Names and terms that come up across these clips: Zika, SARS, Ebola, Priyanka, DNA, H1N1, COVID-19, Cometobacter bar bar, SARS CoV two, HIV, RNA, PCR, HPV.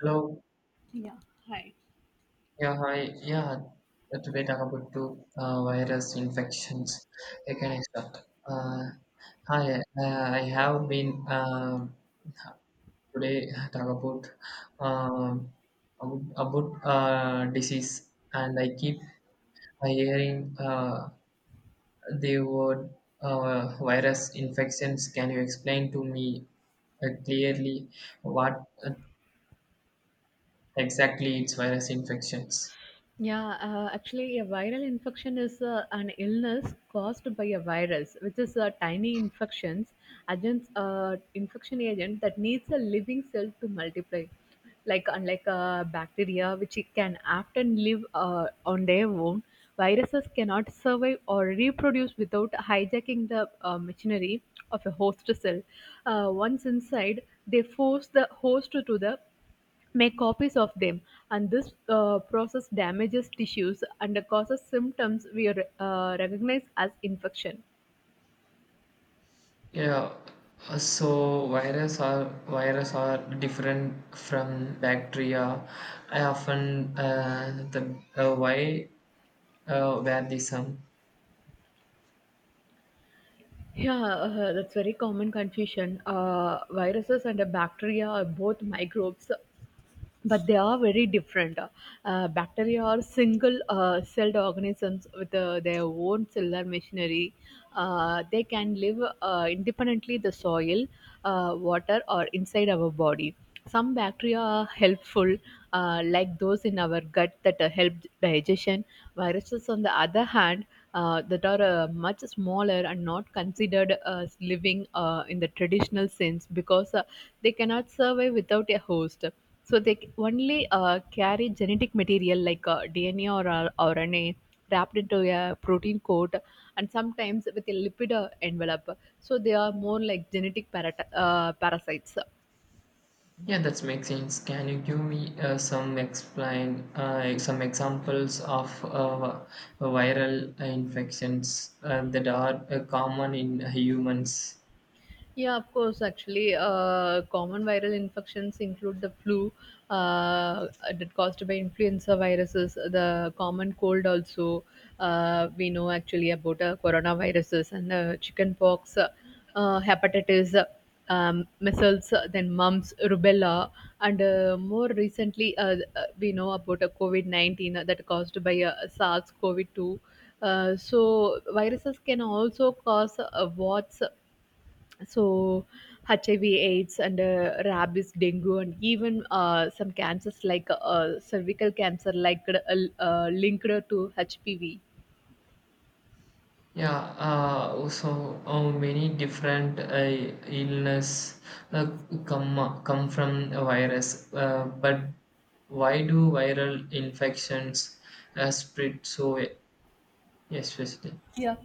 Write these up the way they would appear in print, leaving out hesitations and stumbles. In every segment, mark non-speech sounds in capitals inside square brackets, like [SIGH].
Hello. Yeah. Hi. Yeah, hi. Yeah, today talk about two virus infections. I can I start? Uh, Hi. I have been today talk about um about disease, and I keep hearing the word virus infections. Can you explain to me clearly what exactly it's virus infections? Yeah, actually, a viral infection is an illness caused by a virus, which is a tiny infection agent that needs a living cell to multiply. Unlike bacteria, which it can often live on their own, viruses cannot survive or reproduce without hijacking the machinery of a host cell. Once inside, they force the host to the make copies of them, and this process damages tissues and causes symptoms we recognize as infection. Yeah, so virus are different from bacteria. I often the why where the some. Yeah, that's very common confusion. Viruses and bacteria are both microbes, but they are very different. Bacteria are single celled organisms with their own cellular machinery. They can live independently the soil, water, or inside our body. Some bacteria are helpful, like those in our gut that help digestion. Viruses, on the other hand, that are much smaller and not considered as living in the traditional sense because they cannot survive without a host, so they only carry genetic material like DNA or RNA wrapped into a protein coat and sometimes with a lipid envelope. So they are more like genetic parasites. Yeah, that makes sense. Can you give me some explain some examples of viral infections that are common in humans? Yeah, of course. Actually, common viral infections include the flu uh, that caused by influenza viruses, the common cold also. We know actually about coronaviruses and chickenpox, hepatitis, measles, then mumps, rubella, and more recently, we know about COVID 19 that caused by SARS CoV two. So viruses can also cause warts, so HIV aids and rabies dengue and even some cancers like cervical cancer linked to HPV. Yeah, so how many different illness uh, come from a virus? But why do viral infections spread so especially? Yeah.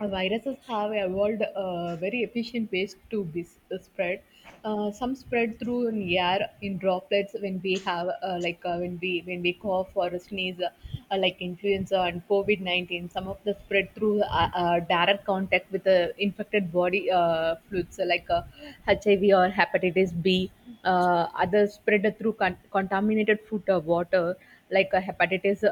Viruses have evolved very efficient ways to be spread. Some spread through in air in droplets when we have when we cough or sneeze, like influenza and COVID 19. Some of the spread through direct contact with the infected body fluids like HIV or hepatitis B. Others spread through contaminated food or water like hepatitis,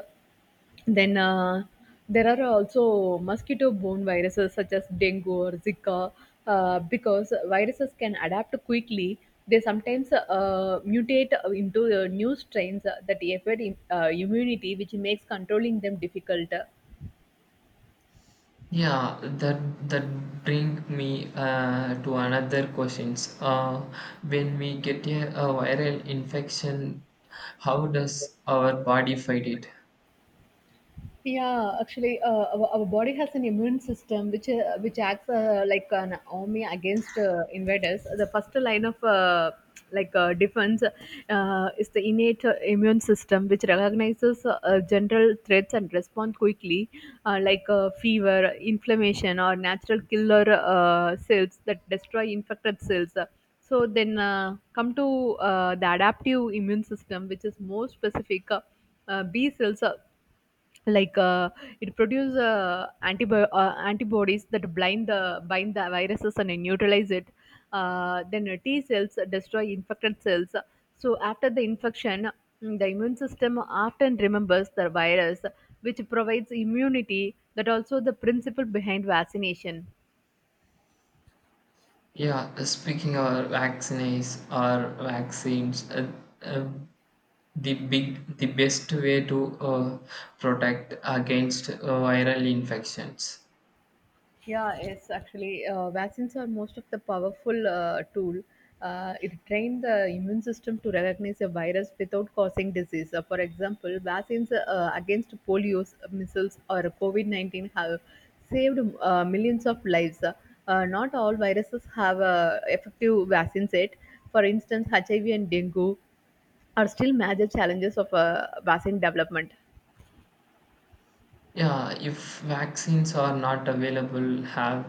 then there are also mosquito borne viruses such as dengue or Zika, because viruses can adapt quickly. They sometimes mutate into new strains that affect immunity, which makes controlling them difficult. Yeah, that bring me to another questions. When we get a viral infection, how does our body fight it? Yeah, actually, our body has an immune system which acts like an army against invaders. The first line of defense is the innate immune system, which recognizes general threats and responds quickly, fever, inflammation, or natural killer cells that destroy infected cells. So then come to the adaptive immune system, which is more specific. B cells, like uh, it produces antibodies that blind the bind the viruses and neutralize it, then t cells destroy infected cells. So after the infection, the immune system often remembers the virus, which provides immunity. That also the principle behind vaccination. Yeah, speaking of vaccines or vaccines, uh, the best way to protect against viral infections. Yeah, it's actually, vaccines are most of the powerful tool. It trained the immune system to recognize a virus without causing disease. For example, vaccines against polio, measles, or COVID 19 have saved millions of lives. Not all viruses have effective vaccines yet. For instance, HIV and dengue are still major challenges of vaccine development. Yeah, if vaccines are not available, have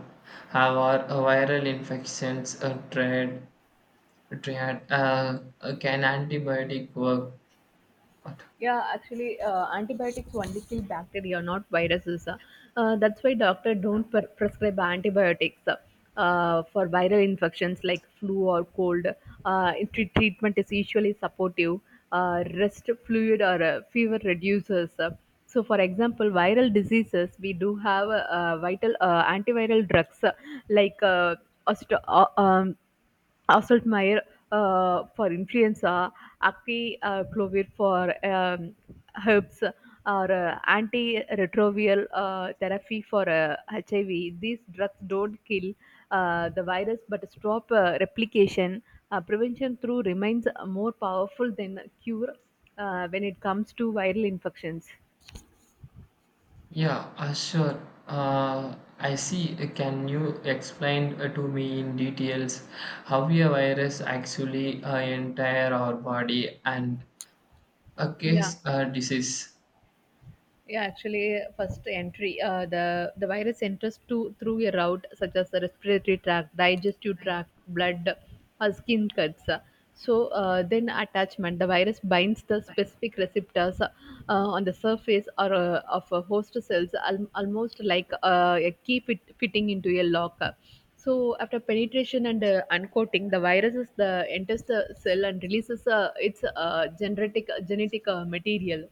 have our viral infections triad can antibiotic work? Yeah, actually, antibiotics only kill bacteria, not viruses. That's why doctor don't prescribe antibiotics for viral infections like flu or cold. Treatment is usually supportive. Rest fluid or fever reducers. So, for example, viral diseases, we do have vital antiviral drugs, like oste- uh, um, Assault Mayer for influenza, Acti Clovir for herbs, or antiretroviral therapy for HIV. These drugs don't kill the virus but stop replication. Prevention through remains more powerful than cure when it comes to viral infections. Yeah, sure. I see. Can you explain to me in details how a virus actually entire our body and a Yeah. case disease? Yeah, actually, first entry, the virus enters to through a route such as the respiratory tract, digestive tract, blood, or skin cuts. So then attachment, the virus binds the specific receptors on the surface or of a host cells, almost like a key fitting into a lock. So after penetration and uncoating, the virus is the enters the cell and releases its genetic material.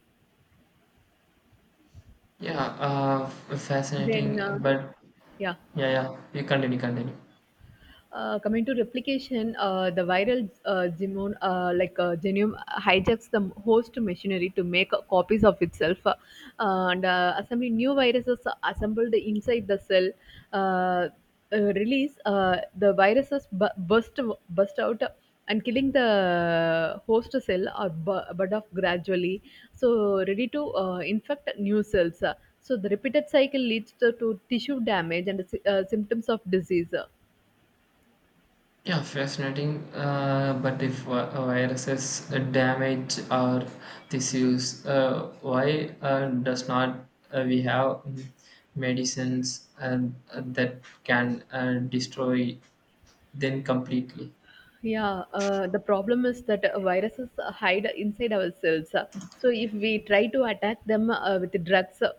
Yeah, Then fascinating. But yeah. yeah, yeah, you continue, continue. Coming to replication, the viral genome, genome, hijacks the host machinery to make copies of itself, and assembly new viruses assembled inside the cell. Uh, Release the viruses burst out and killing the host cell or bud off gradually. So ready to infect new cells. So the repeated cycle leads to tissue damage and symptoms of disease. Yeah, fascinating. But if viruses damage our tissues, why does not we have medicines that can destroy them completely? Yeah, the problem is that viruses hide inside our cells. So if we try to attack them with drugs,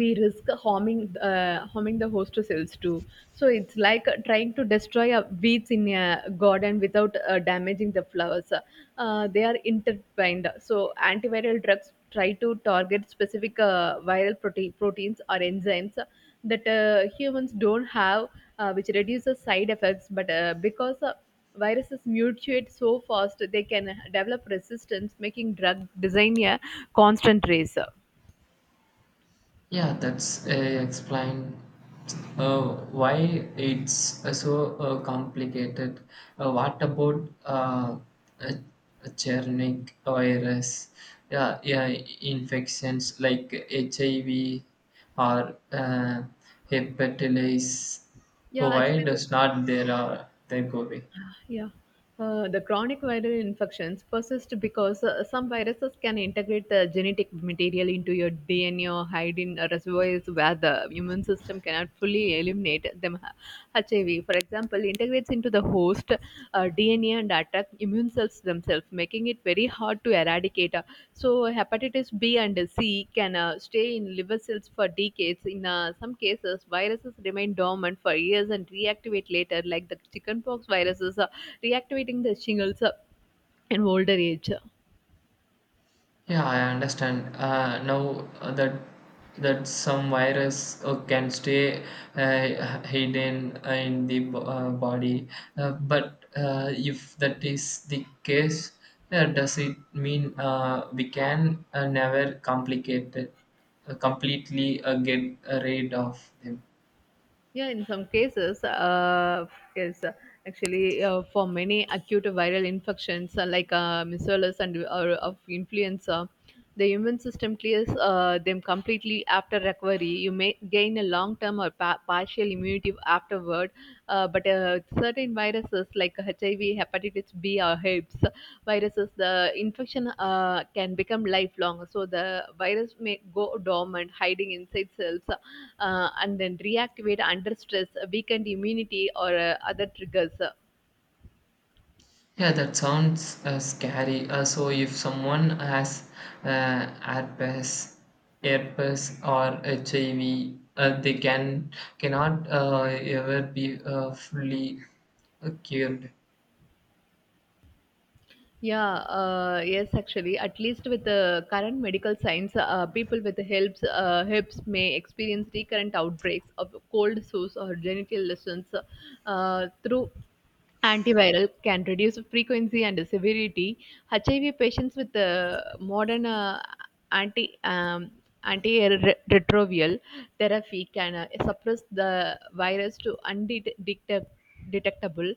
we risk harming the host cells too. So it's like trying to destroy weeds in a garden without damaging the flowers. They are intertwined. So antiviral drugs try to target specific viral proteins or enzymes that humans don't have, which reduces side effects. But because viruses mutate so fast they can develop resistance, making drug design a constant race. Yeah, that's explained. uh, why it's so complicated. What about uh, Chernic virus? Yeah, yeah, infections like HIV or hepatitis. Yeah, Oh, why actually, the, does not there are they go away? yeah. The chronic viral infections persist because some viruses can integrate the genetic material into your DNA or hide in reservoirs where the immune system cannot fully eliminate them. HIV, for example, integrates into the host DNA and attack immune cells themselves, making it very hard to eradicate. So, hepatitis B and C can stay in liver cells for decades. In some cases, viruses remain dormant for years and reactivate later, like the chickenpox viruses, reactivating the shingles in older age. Yeah, I understand. Now that some virus can stay hidden in the body, but if that is the case, does it mean we can never complicate it, completely get rid of them? Yeah, in some cases, yes, actually, for many acute viral infections like measles and or of influenza, the immune system clears them completely after recovery. You may gain a long-term or partial immunity afterward, but certain viruses like HIV, hepatitis B, or herpes viruses, the infection can become lifelong. So the virus may go dormant, hiding inside cells and then reactivate under stress, weakened immunity, or other triggers. Yeah, that sounds scary. So, if someone has uh, herpes, herpes or HIV, they cannot ever be fully cured. Yeah, yes, actually, at least with the current medical science, people with hips, hips may experience recurrent outbreaks of cold sores or genital lesions through antiviral can reduce frequency and severity. HIV patients with modern anti um, antiretroviral therapy can suppress the virus to undetectable detectable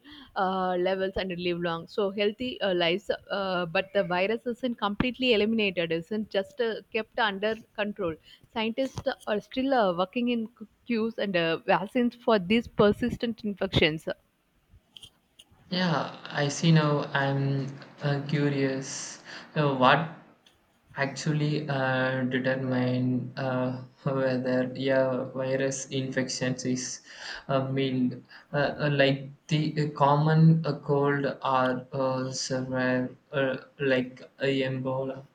levels and live long so healthy lives, but the virus isn't completely eliminated, isn't just kept under control. Scientists are still working in cures and vaccines for these persistent infections. Yeah, I see now. I'm curious. What actually determine whether yeah virus infections is mild, like the common cold or severe, like Ebola.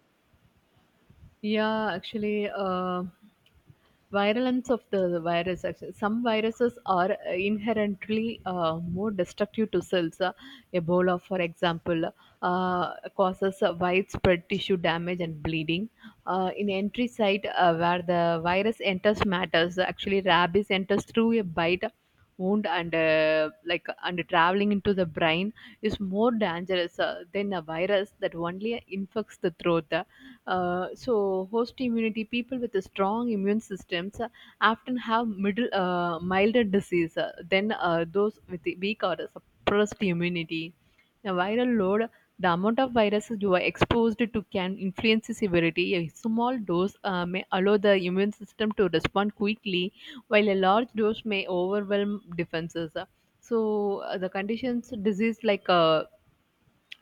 Yeah, actually, virulence of the virus. Actually, some viruses are inherently more destructive to cells. Ebola, for example, causes widespread tissue damage and bleeding. In entry site, where the virus enters matters. Actually, rabies enters through a bite wound and and traveling into the brain is more dangerous than a virus that only infects the throat. So, host immunity people with a strong immune systems often have middle milder disease than those with the weak or suppressed immunity. The viral load, the amount of viruses you are exposed to can influence the severity. A small dose may allow the immune system to respond quickly, while a large dose may overwhelm defenses. So the conditions, disease like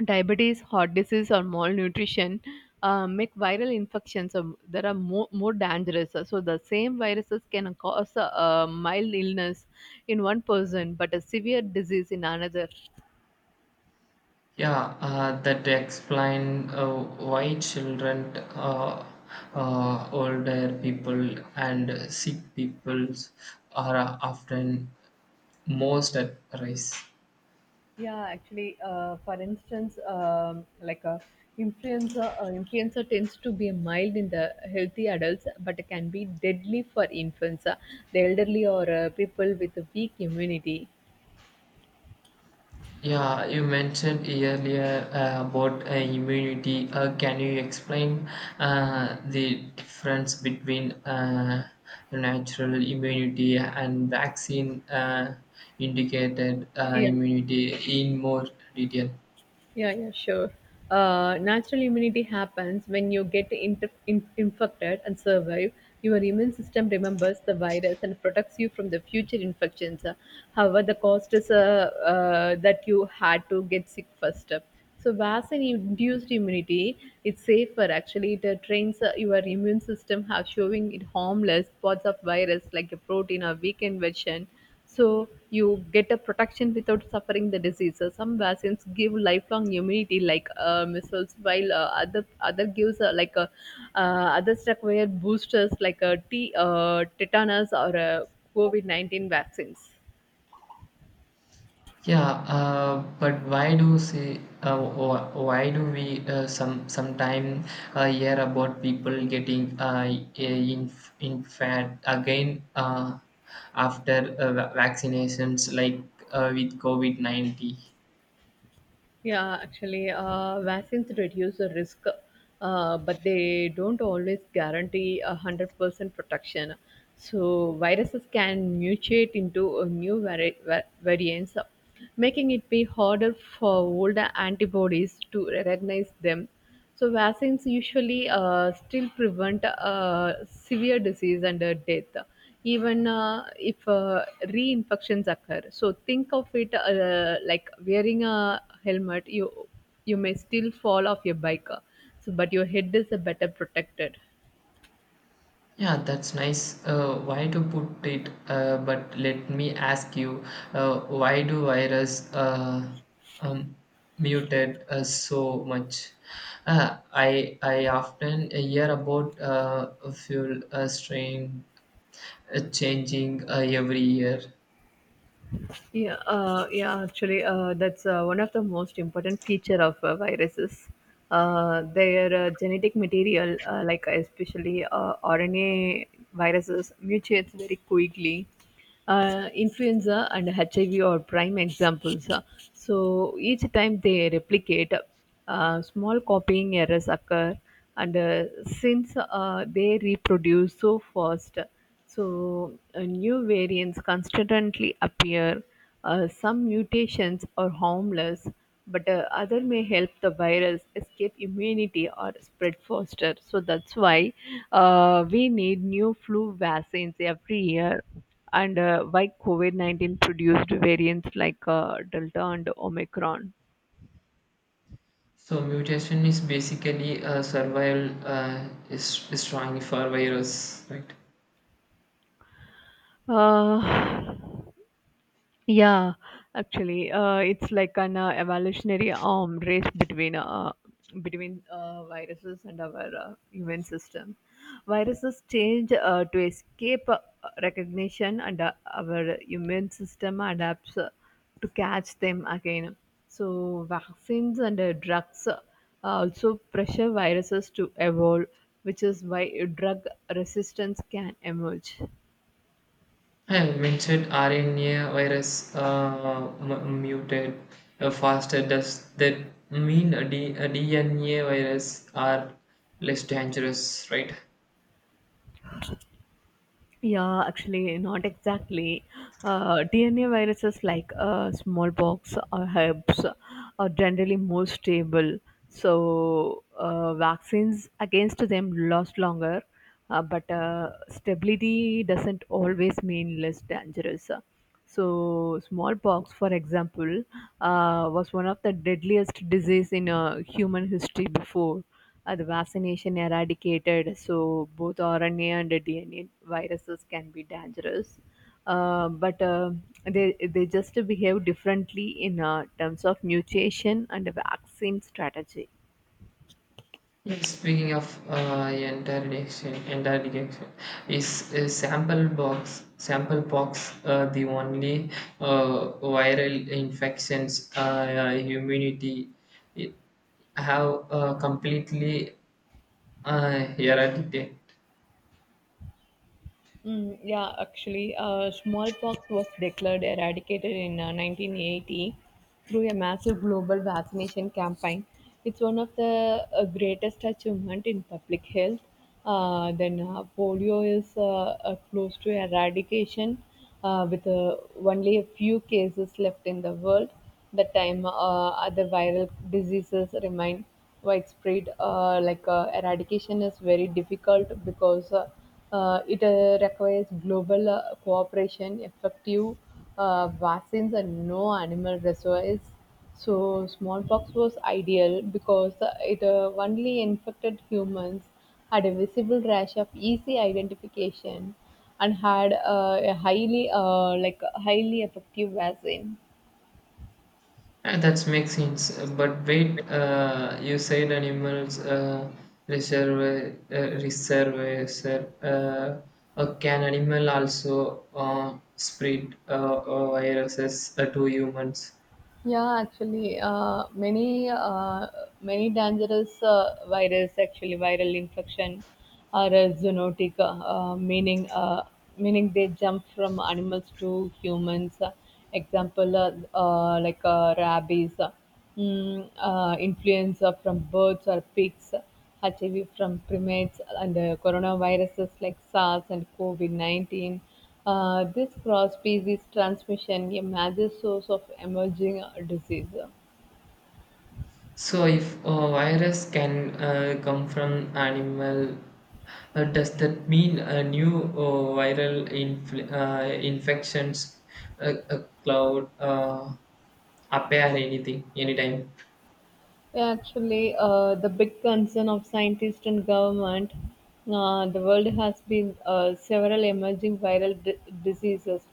diabetes, heart disease, or malnutrition make viral infections that are more dangerous. So the same viruses can cause a mild illness in one person, but a severe disease in another. Yeah, that explain why children, older people, and sick people are often most at risk. Yeah, actually, for instance, like a influenza, influenza tends to be mild in the healthy adults, but it can be deadly for infants, the elderly, or people with a weak immunity. Yeah, you mentioned earlier about immunity. Can you explain the difference between natural immunity and vaccine indicated Yeah. immunity in more detail? Yeah, yeah, sure. Natural immunity happens when you get infected and survive. Your immune system remembers the virus and protects you from the future infections. However, the cost is that you had to get sick first. So, vaccine-induced immunity is safer. Actually, it trains your immune system, how showing it harmless parts of virus like a protein or weakened version so you get a protection without suffering the disease. So some vaccines give lifelong immunity, like measles, while other gives like a other stuff where boosters like T tetanus or a covid-19 vaccines. Yeah, but why do say why do we sometime hear about people getting in in fat again after vaccinations like with COVID-19? Yeah, actually, vaccines reduce the risk, but they don't always guarantee 100% protection. So viruses can mutate into new variants, making it be harder for older antibodies to recognize them. So vaccines usually still prevent severe disease and death, even if reinfections occur. So think of it like wearing a helmet. You may still fall off your bike, so but your head is better protected. Yeah, that's nice. Why to put it? But let me ask you, why do virus um, mutate so much? I often hear about fuel strain changing every year. Yeah. Actually, that's one of the most important feature of viruses. Their genetic material, like especially RNA viruses, mutates very quickly. Influenza and HIV are prime examples. So each time they replicate, small copying errors occur, and since they reproduce so fast. So, new variants constantly appear. Some mutations are harmless, but other may help the virus escape immunity or spread faster. So that's why we need new flu vaccines every year. And why COVID 19 produced variants like Delta and Omicron. So mutation is basically a survival is strong for virus, right? Uh, Yeah, actually, it's like an evolutionary arm race between viruses and our immune system. Viruses change to escape recognition, and our immune system adapts to catch them again. So, vaccines and drugs also pressure viruses to evolve, which is why drug resistance can emerge. I have mentioned RNA virus muted faster. Does that mean a D N A virus are less dangerous, right? Yeah, actually, not exactly. DNA viruses like smallpox or herpes are generally more stable, so vaccines against them last longer. But stability doesn't always mean less dangerous. So, smallpox, for example, was one of the deadliest disease in human history before the vaccination eradicated. So, both RNA and DNA viruses can be dangerous, but they just behave differently in terms of mutation and vaccine strategy. Yes. Speaking of interrogation is sample box the only viral infections immunity it have completely eradicated? Mm, yeah, actually, smallpox was declared eradicated in 1980 through a massive global vaccination campaign. It's one of the greatest achievement in public health. Then polio is close to eradication, with only a few cases left in the world. That time, other viral diseases remain widespread. Like eradication is very difficult because it requires global cooperation, effective vaccines, and no animal reservoirs. So, smallpox was ideal because it only infected humans, had a visible rash of easy identification, and had a highly, like highly effective vaccine. That makes sense. But wait, you said animals reserve, can animal also spread viruses to humans? Yeah, actually, many dangerous virus actually viral infection are zoonotic, meaning they jump from animals to humans. Example, like rabies, influenza from birds or pigs, HIV from primates, and coronaviruses like SARS and COVID 19. This cross-species transmission is a major source of emerging disease. So if a virus can come from animal, does that mean a new viral infections cloud appear anything anytime? Yeah, actually, the big concern of scientists and government, the world has been several emerging viral diseases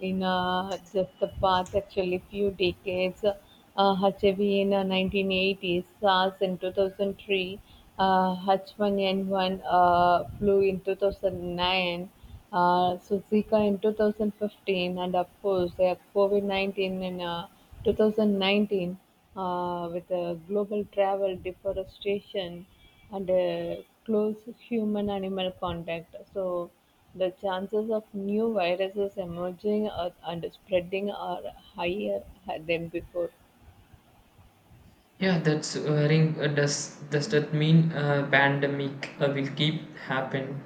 in just the past actually few decades. HIV in 1980s, SARS in 2003, H1N1 flu in 2009, so Zika in 2015, and of course, COVID 19 in 2019, with global travel, deforestation, and close human animal contact. So, the chances of new viruses emerging and spreading are higher than before. Yeah, that's worrying. Does that mean pandemic will keep happen?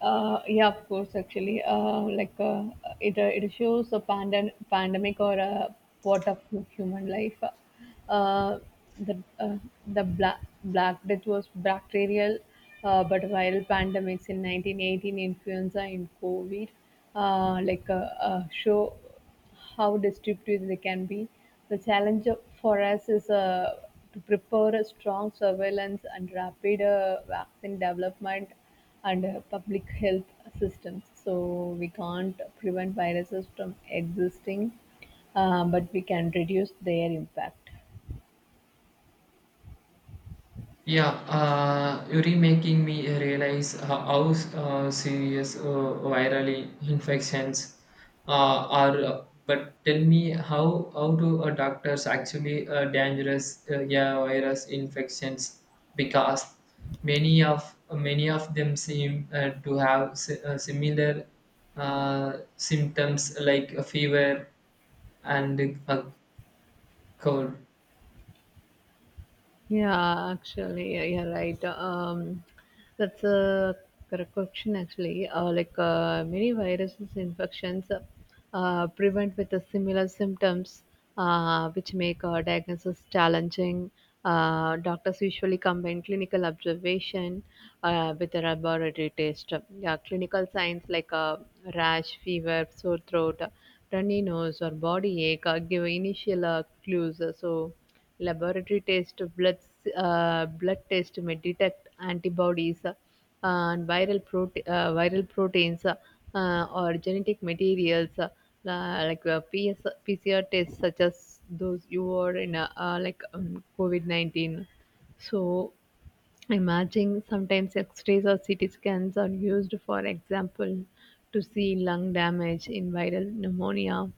Yeah, of course, actually, it it shows a pandemic or a part of human life. Uh, the uh, the black death was bacterial, but viral pandemics in 1918, influenza and COVID, uh, like uh, show how destructive they can be. The challenge for us is to prepare a strong surveillance and rapid vaccine development and public health systems. So we can't prevent viruses from existing, but we can reduce their impact. Yeah, you're making me realize how serious virally infections are. But tell me, how do doctors actually dangerous yeah virus infections? Because many of many of them seem to have similar symptoms like a fever and a cold. Yeah, actually, yeah, you're right. That's a correct question, actually. Many viruses infections prevent with the similar symptoms, which make diagnosis challenging. Doctors usually combine clinical observation with a laboratory test. Yeah, clinical signs like rash, fever, sore throat, runny nose, or body ache give initial clues. So. Laboratory test blood, blood test may detect antibodies and viral, viral proteins or genetic materials PS, tests such as those you are in COVID-19. So Imaging, sometimes X-rays or CT scans, are used for example to see lung damage in viral pneumonia.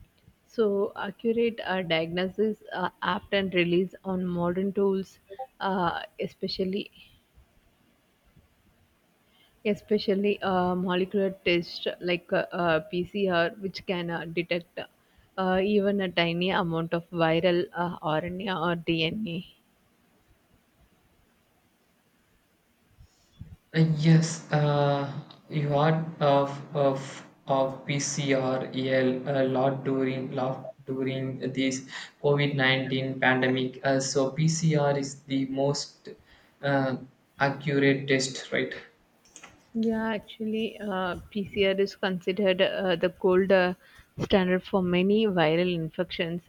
So accurate diagnosis, apt and release on modern tools, uh, especially especially molecular tests like PCR, which can detect even a tiny amount of viral RNA or DNA. Yes, you heard of PCREL a lot during this COVID-19 pandemic. So PCR is the most uh, accurate test, right? Yeah, actually, PCR is considered the gold standard for many viral infections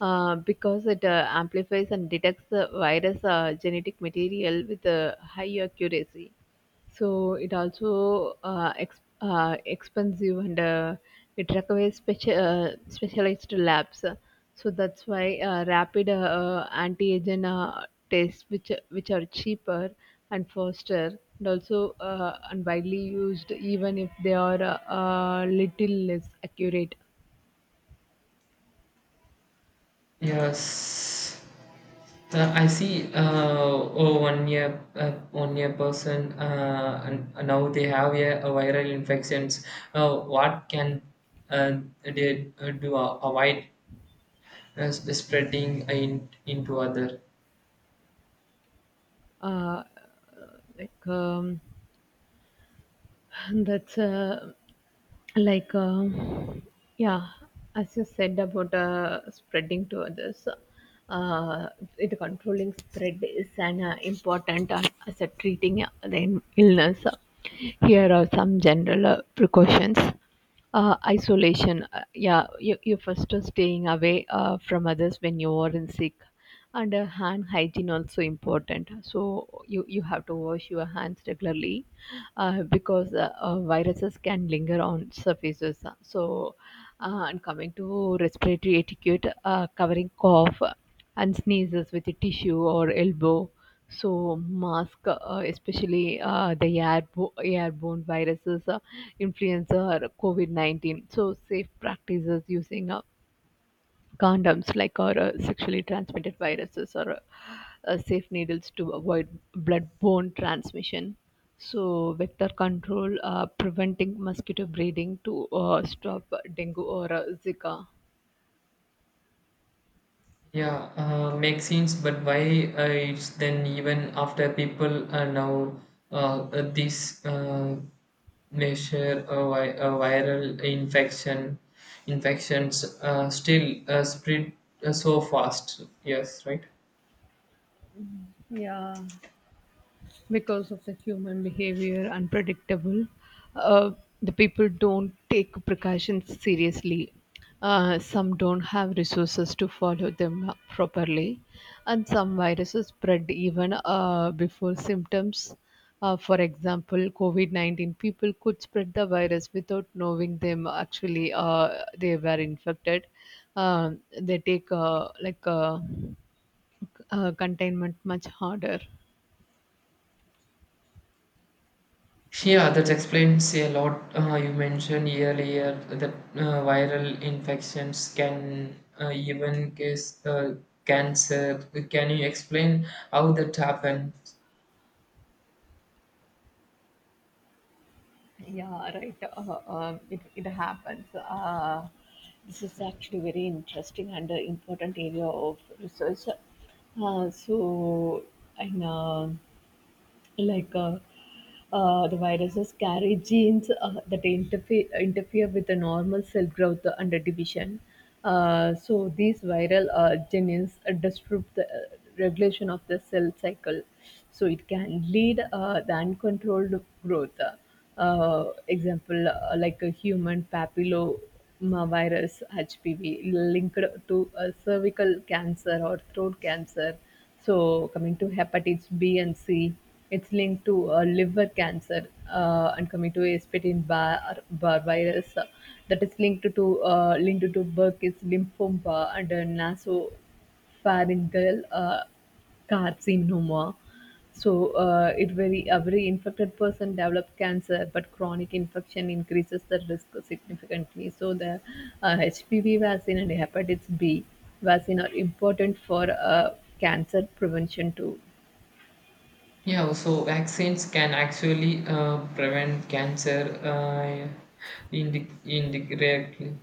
because it amplifies and detects the virus genetic material with a high accuracy. So it also expensive and it requires specialized labs. So that's why rapid antigen tests, which are cheaper and foster and also and widely used, even if they are a little less accurate. Yes. I see oh, one year person and now they have a viral infections. What can they do avoid spreading into other? uh, like um, [LAUGHS] and that's like yeah as you said about spreading to others, uh, it controlling spread is an important as a treating the illness. Here are some general precautions. Isolation. Yeah, you first are staying away from others when you are in sick. And hand hygiene also important. So you have to wash your hands regularly because viruses can linger on surfaces. So and coming to respiratory etiquette, covering cough and sneezes with a tissue or elbow so mask, especially the airborne viruses, influenza, COVID 19. So safe practices using condoms, like or sexually transmitted viruses, or safe needles to avoid blood-borne transmission. So vector control, preventing mosquito breeding to stop dengue or Zika. Yeah, makes sense, but why it's then even after people are now this measure a viral infections still spread so fast. Yes, right. Yeah, because of the human behavior unpredictable, uh, the people don't take precautions seriously, some don't have resources to follow them up properly, and some viruses spread even before symptoms. For example, covid-19, people could spread the virus without knowing them, actually they were infected. Um they take containment much harder. Yeah, that explains a lot. You mentioned earlier that viral infections can even cause cancer. Can you explain how that happened? Yeah, right. It, it happens. This is actually very interesting and important area of research. So, I know like the viruses carry genes that interfere with the normal cell growth and the division. So these viral genes disrupt the regulation of the cell cycle. So it can lead the uncontrolled growth. Example like a human papillomavirus HPV linked to a cervical cancer or throat cancer. So coming to hepatitis B and C, it's linked to liver cancer, and coming to Cometobacter bar virus, that is linked to linked to Burkitt's lymphoma and nasopharyngeal carcinoma. So it very every infected person develop cancer, but chronic infection increases the risk significantly. So the HPV vaccine and hepatitis B vaccine are important for cancer prevention too. Yeah, so vaccines can actually prevent cancer indirectly.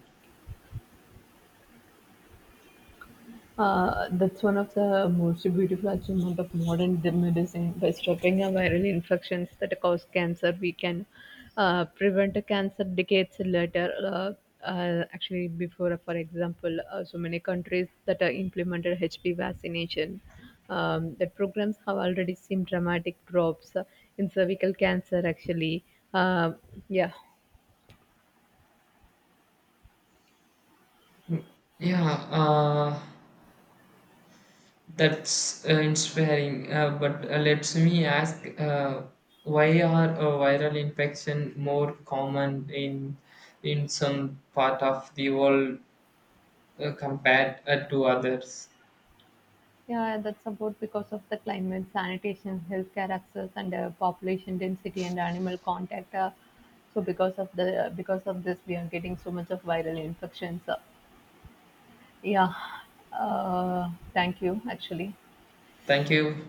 That's one of the most beautiful achievements of modern medicine. By stopping a viral infections that cause cancer, we can prevent a cancer decades later. Actually, before, for example, so many countries that are implemented HPV vaccination, that programs have already seen dramatic drops in cervical cancer. Actually, uh, yeah. Mm, yeah, uh, that's inspiring. But let me ask, why are viral infection more common in some part of the world compared to others? Yeah, that's about because of the climate, sanitation, healthcare access, and population density and animal contact. So because of this, we are getting so much of viral infections. Yeah, thank you. Actually. Thank you.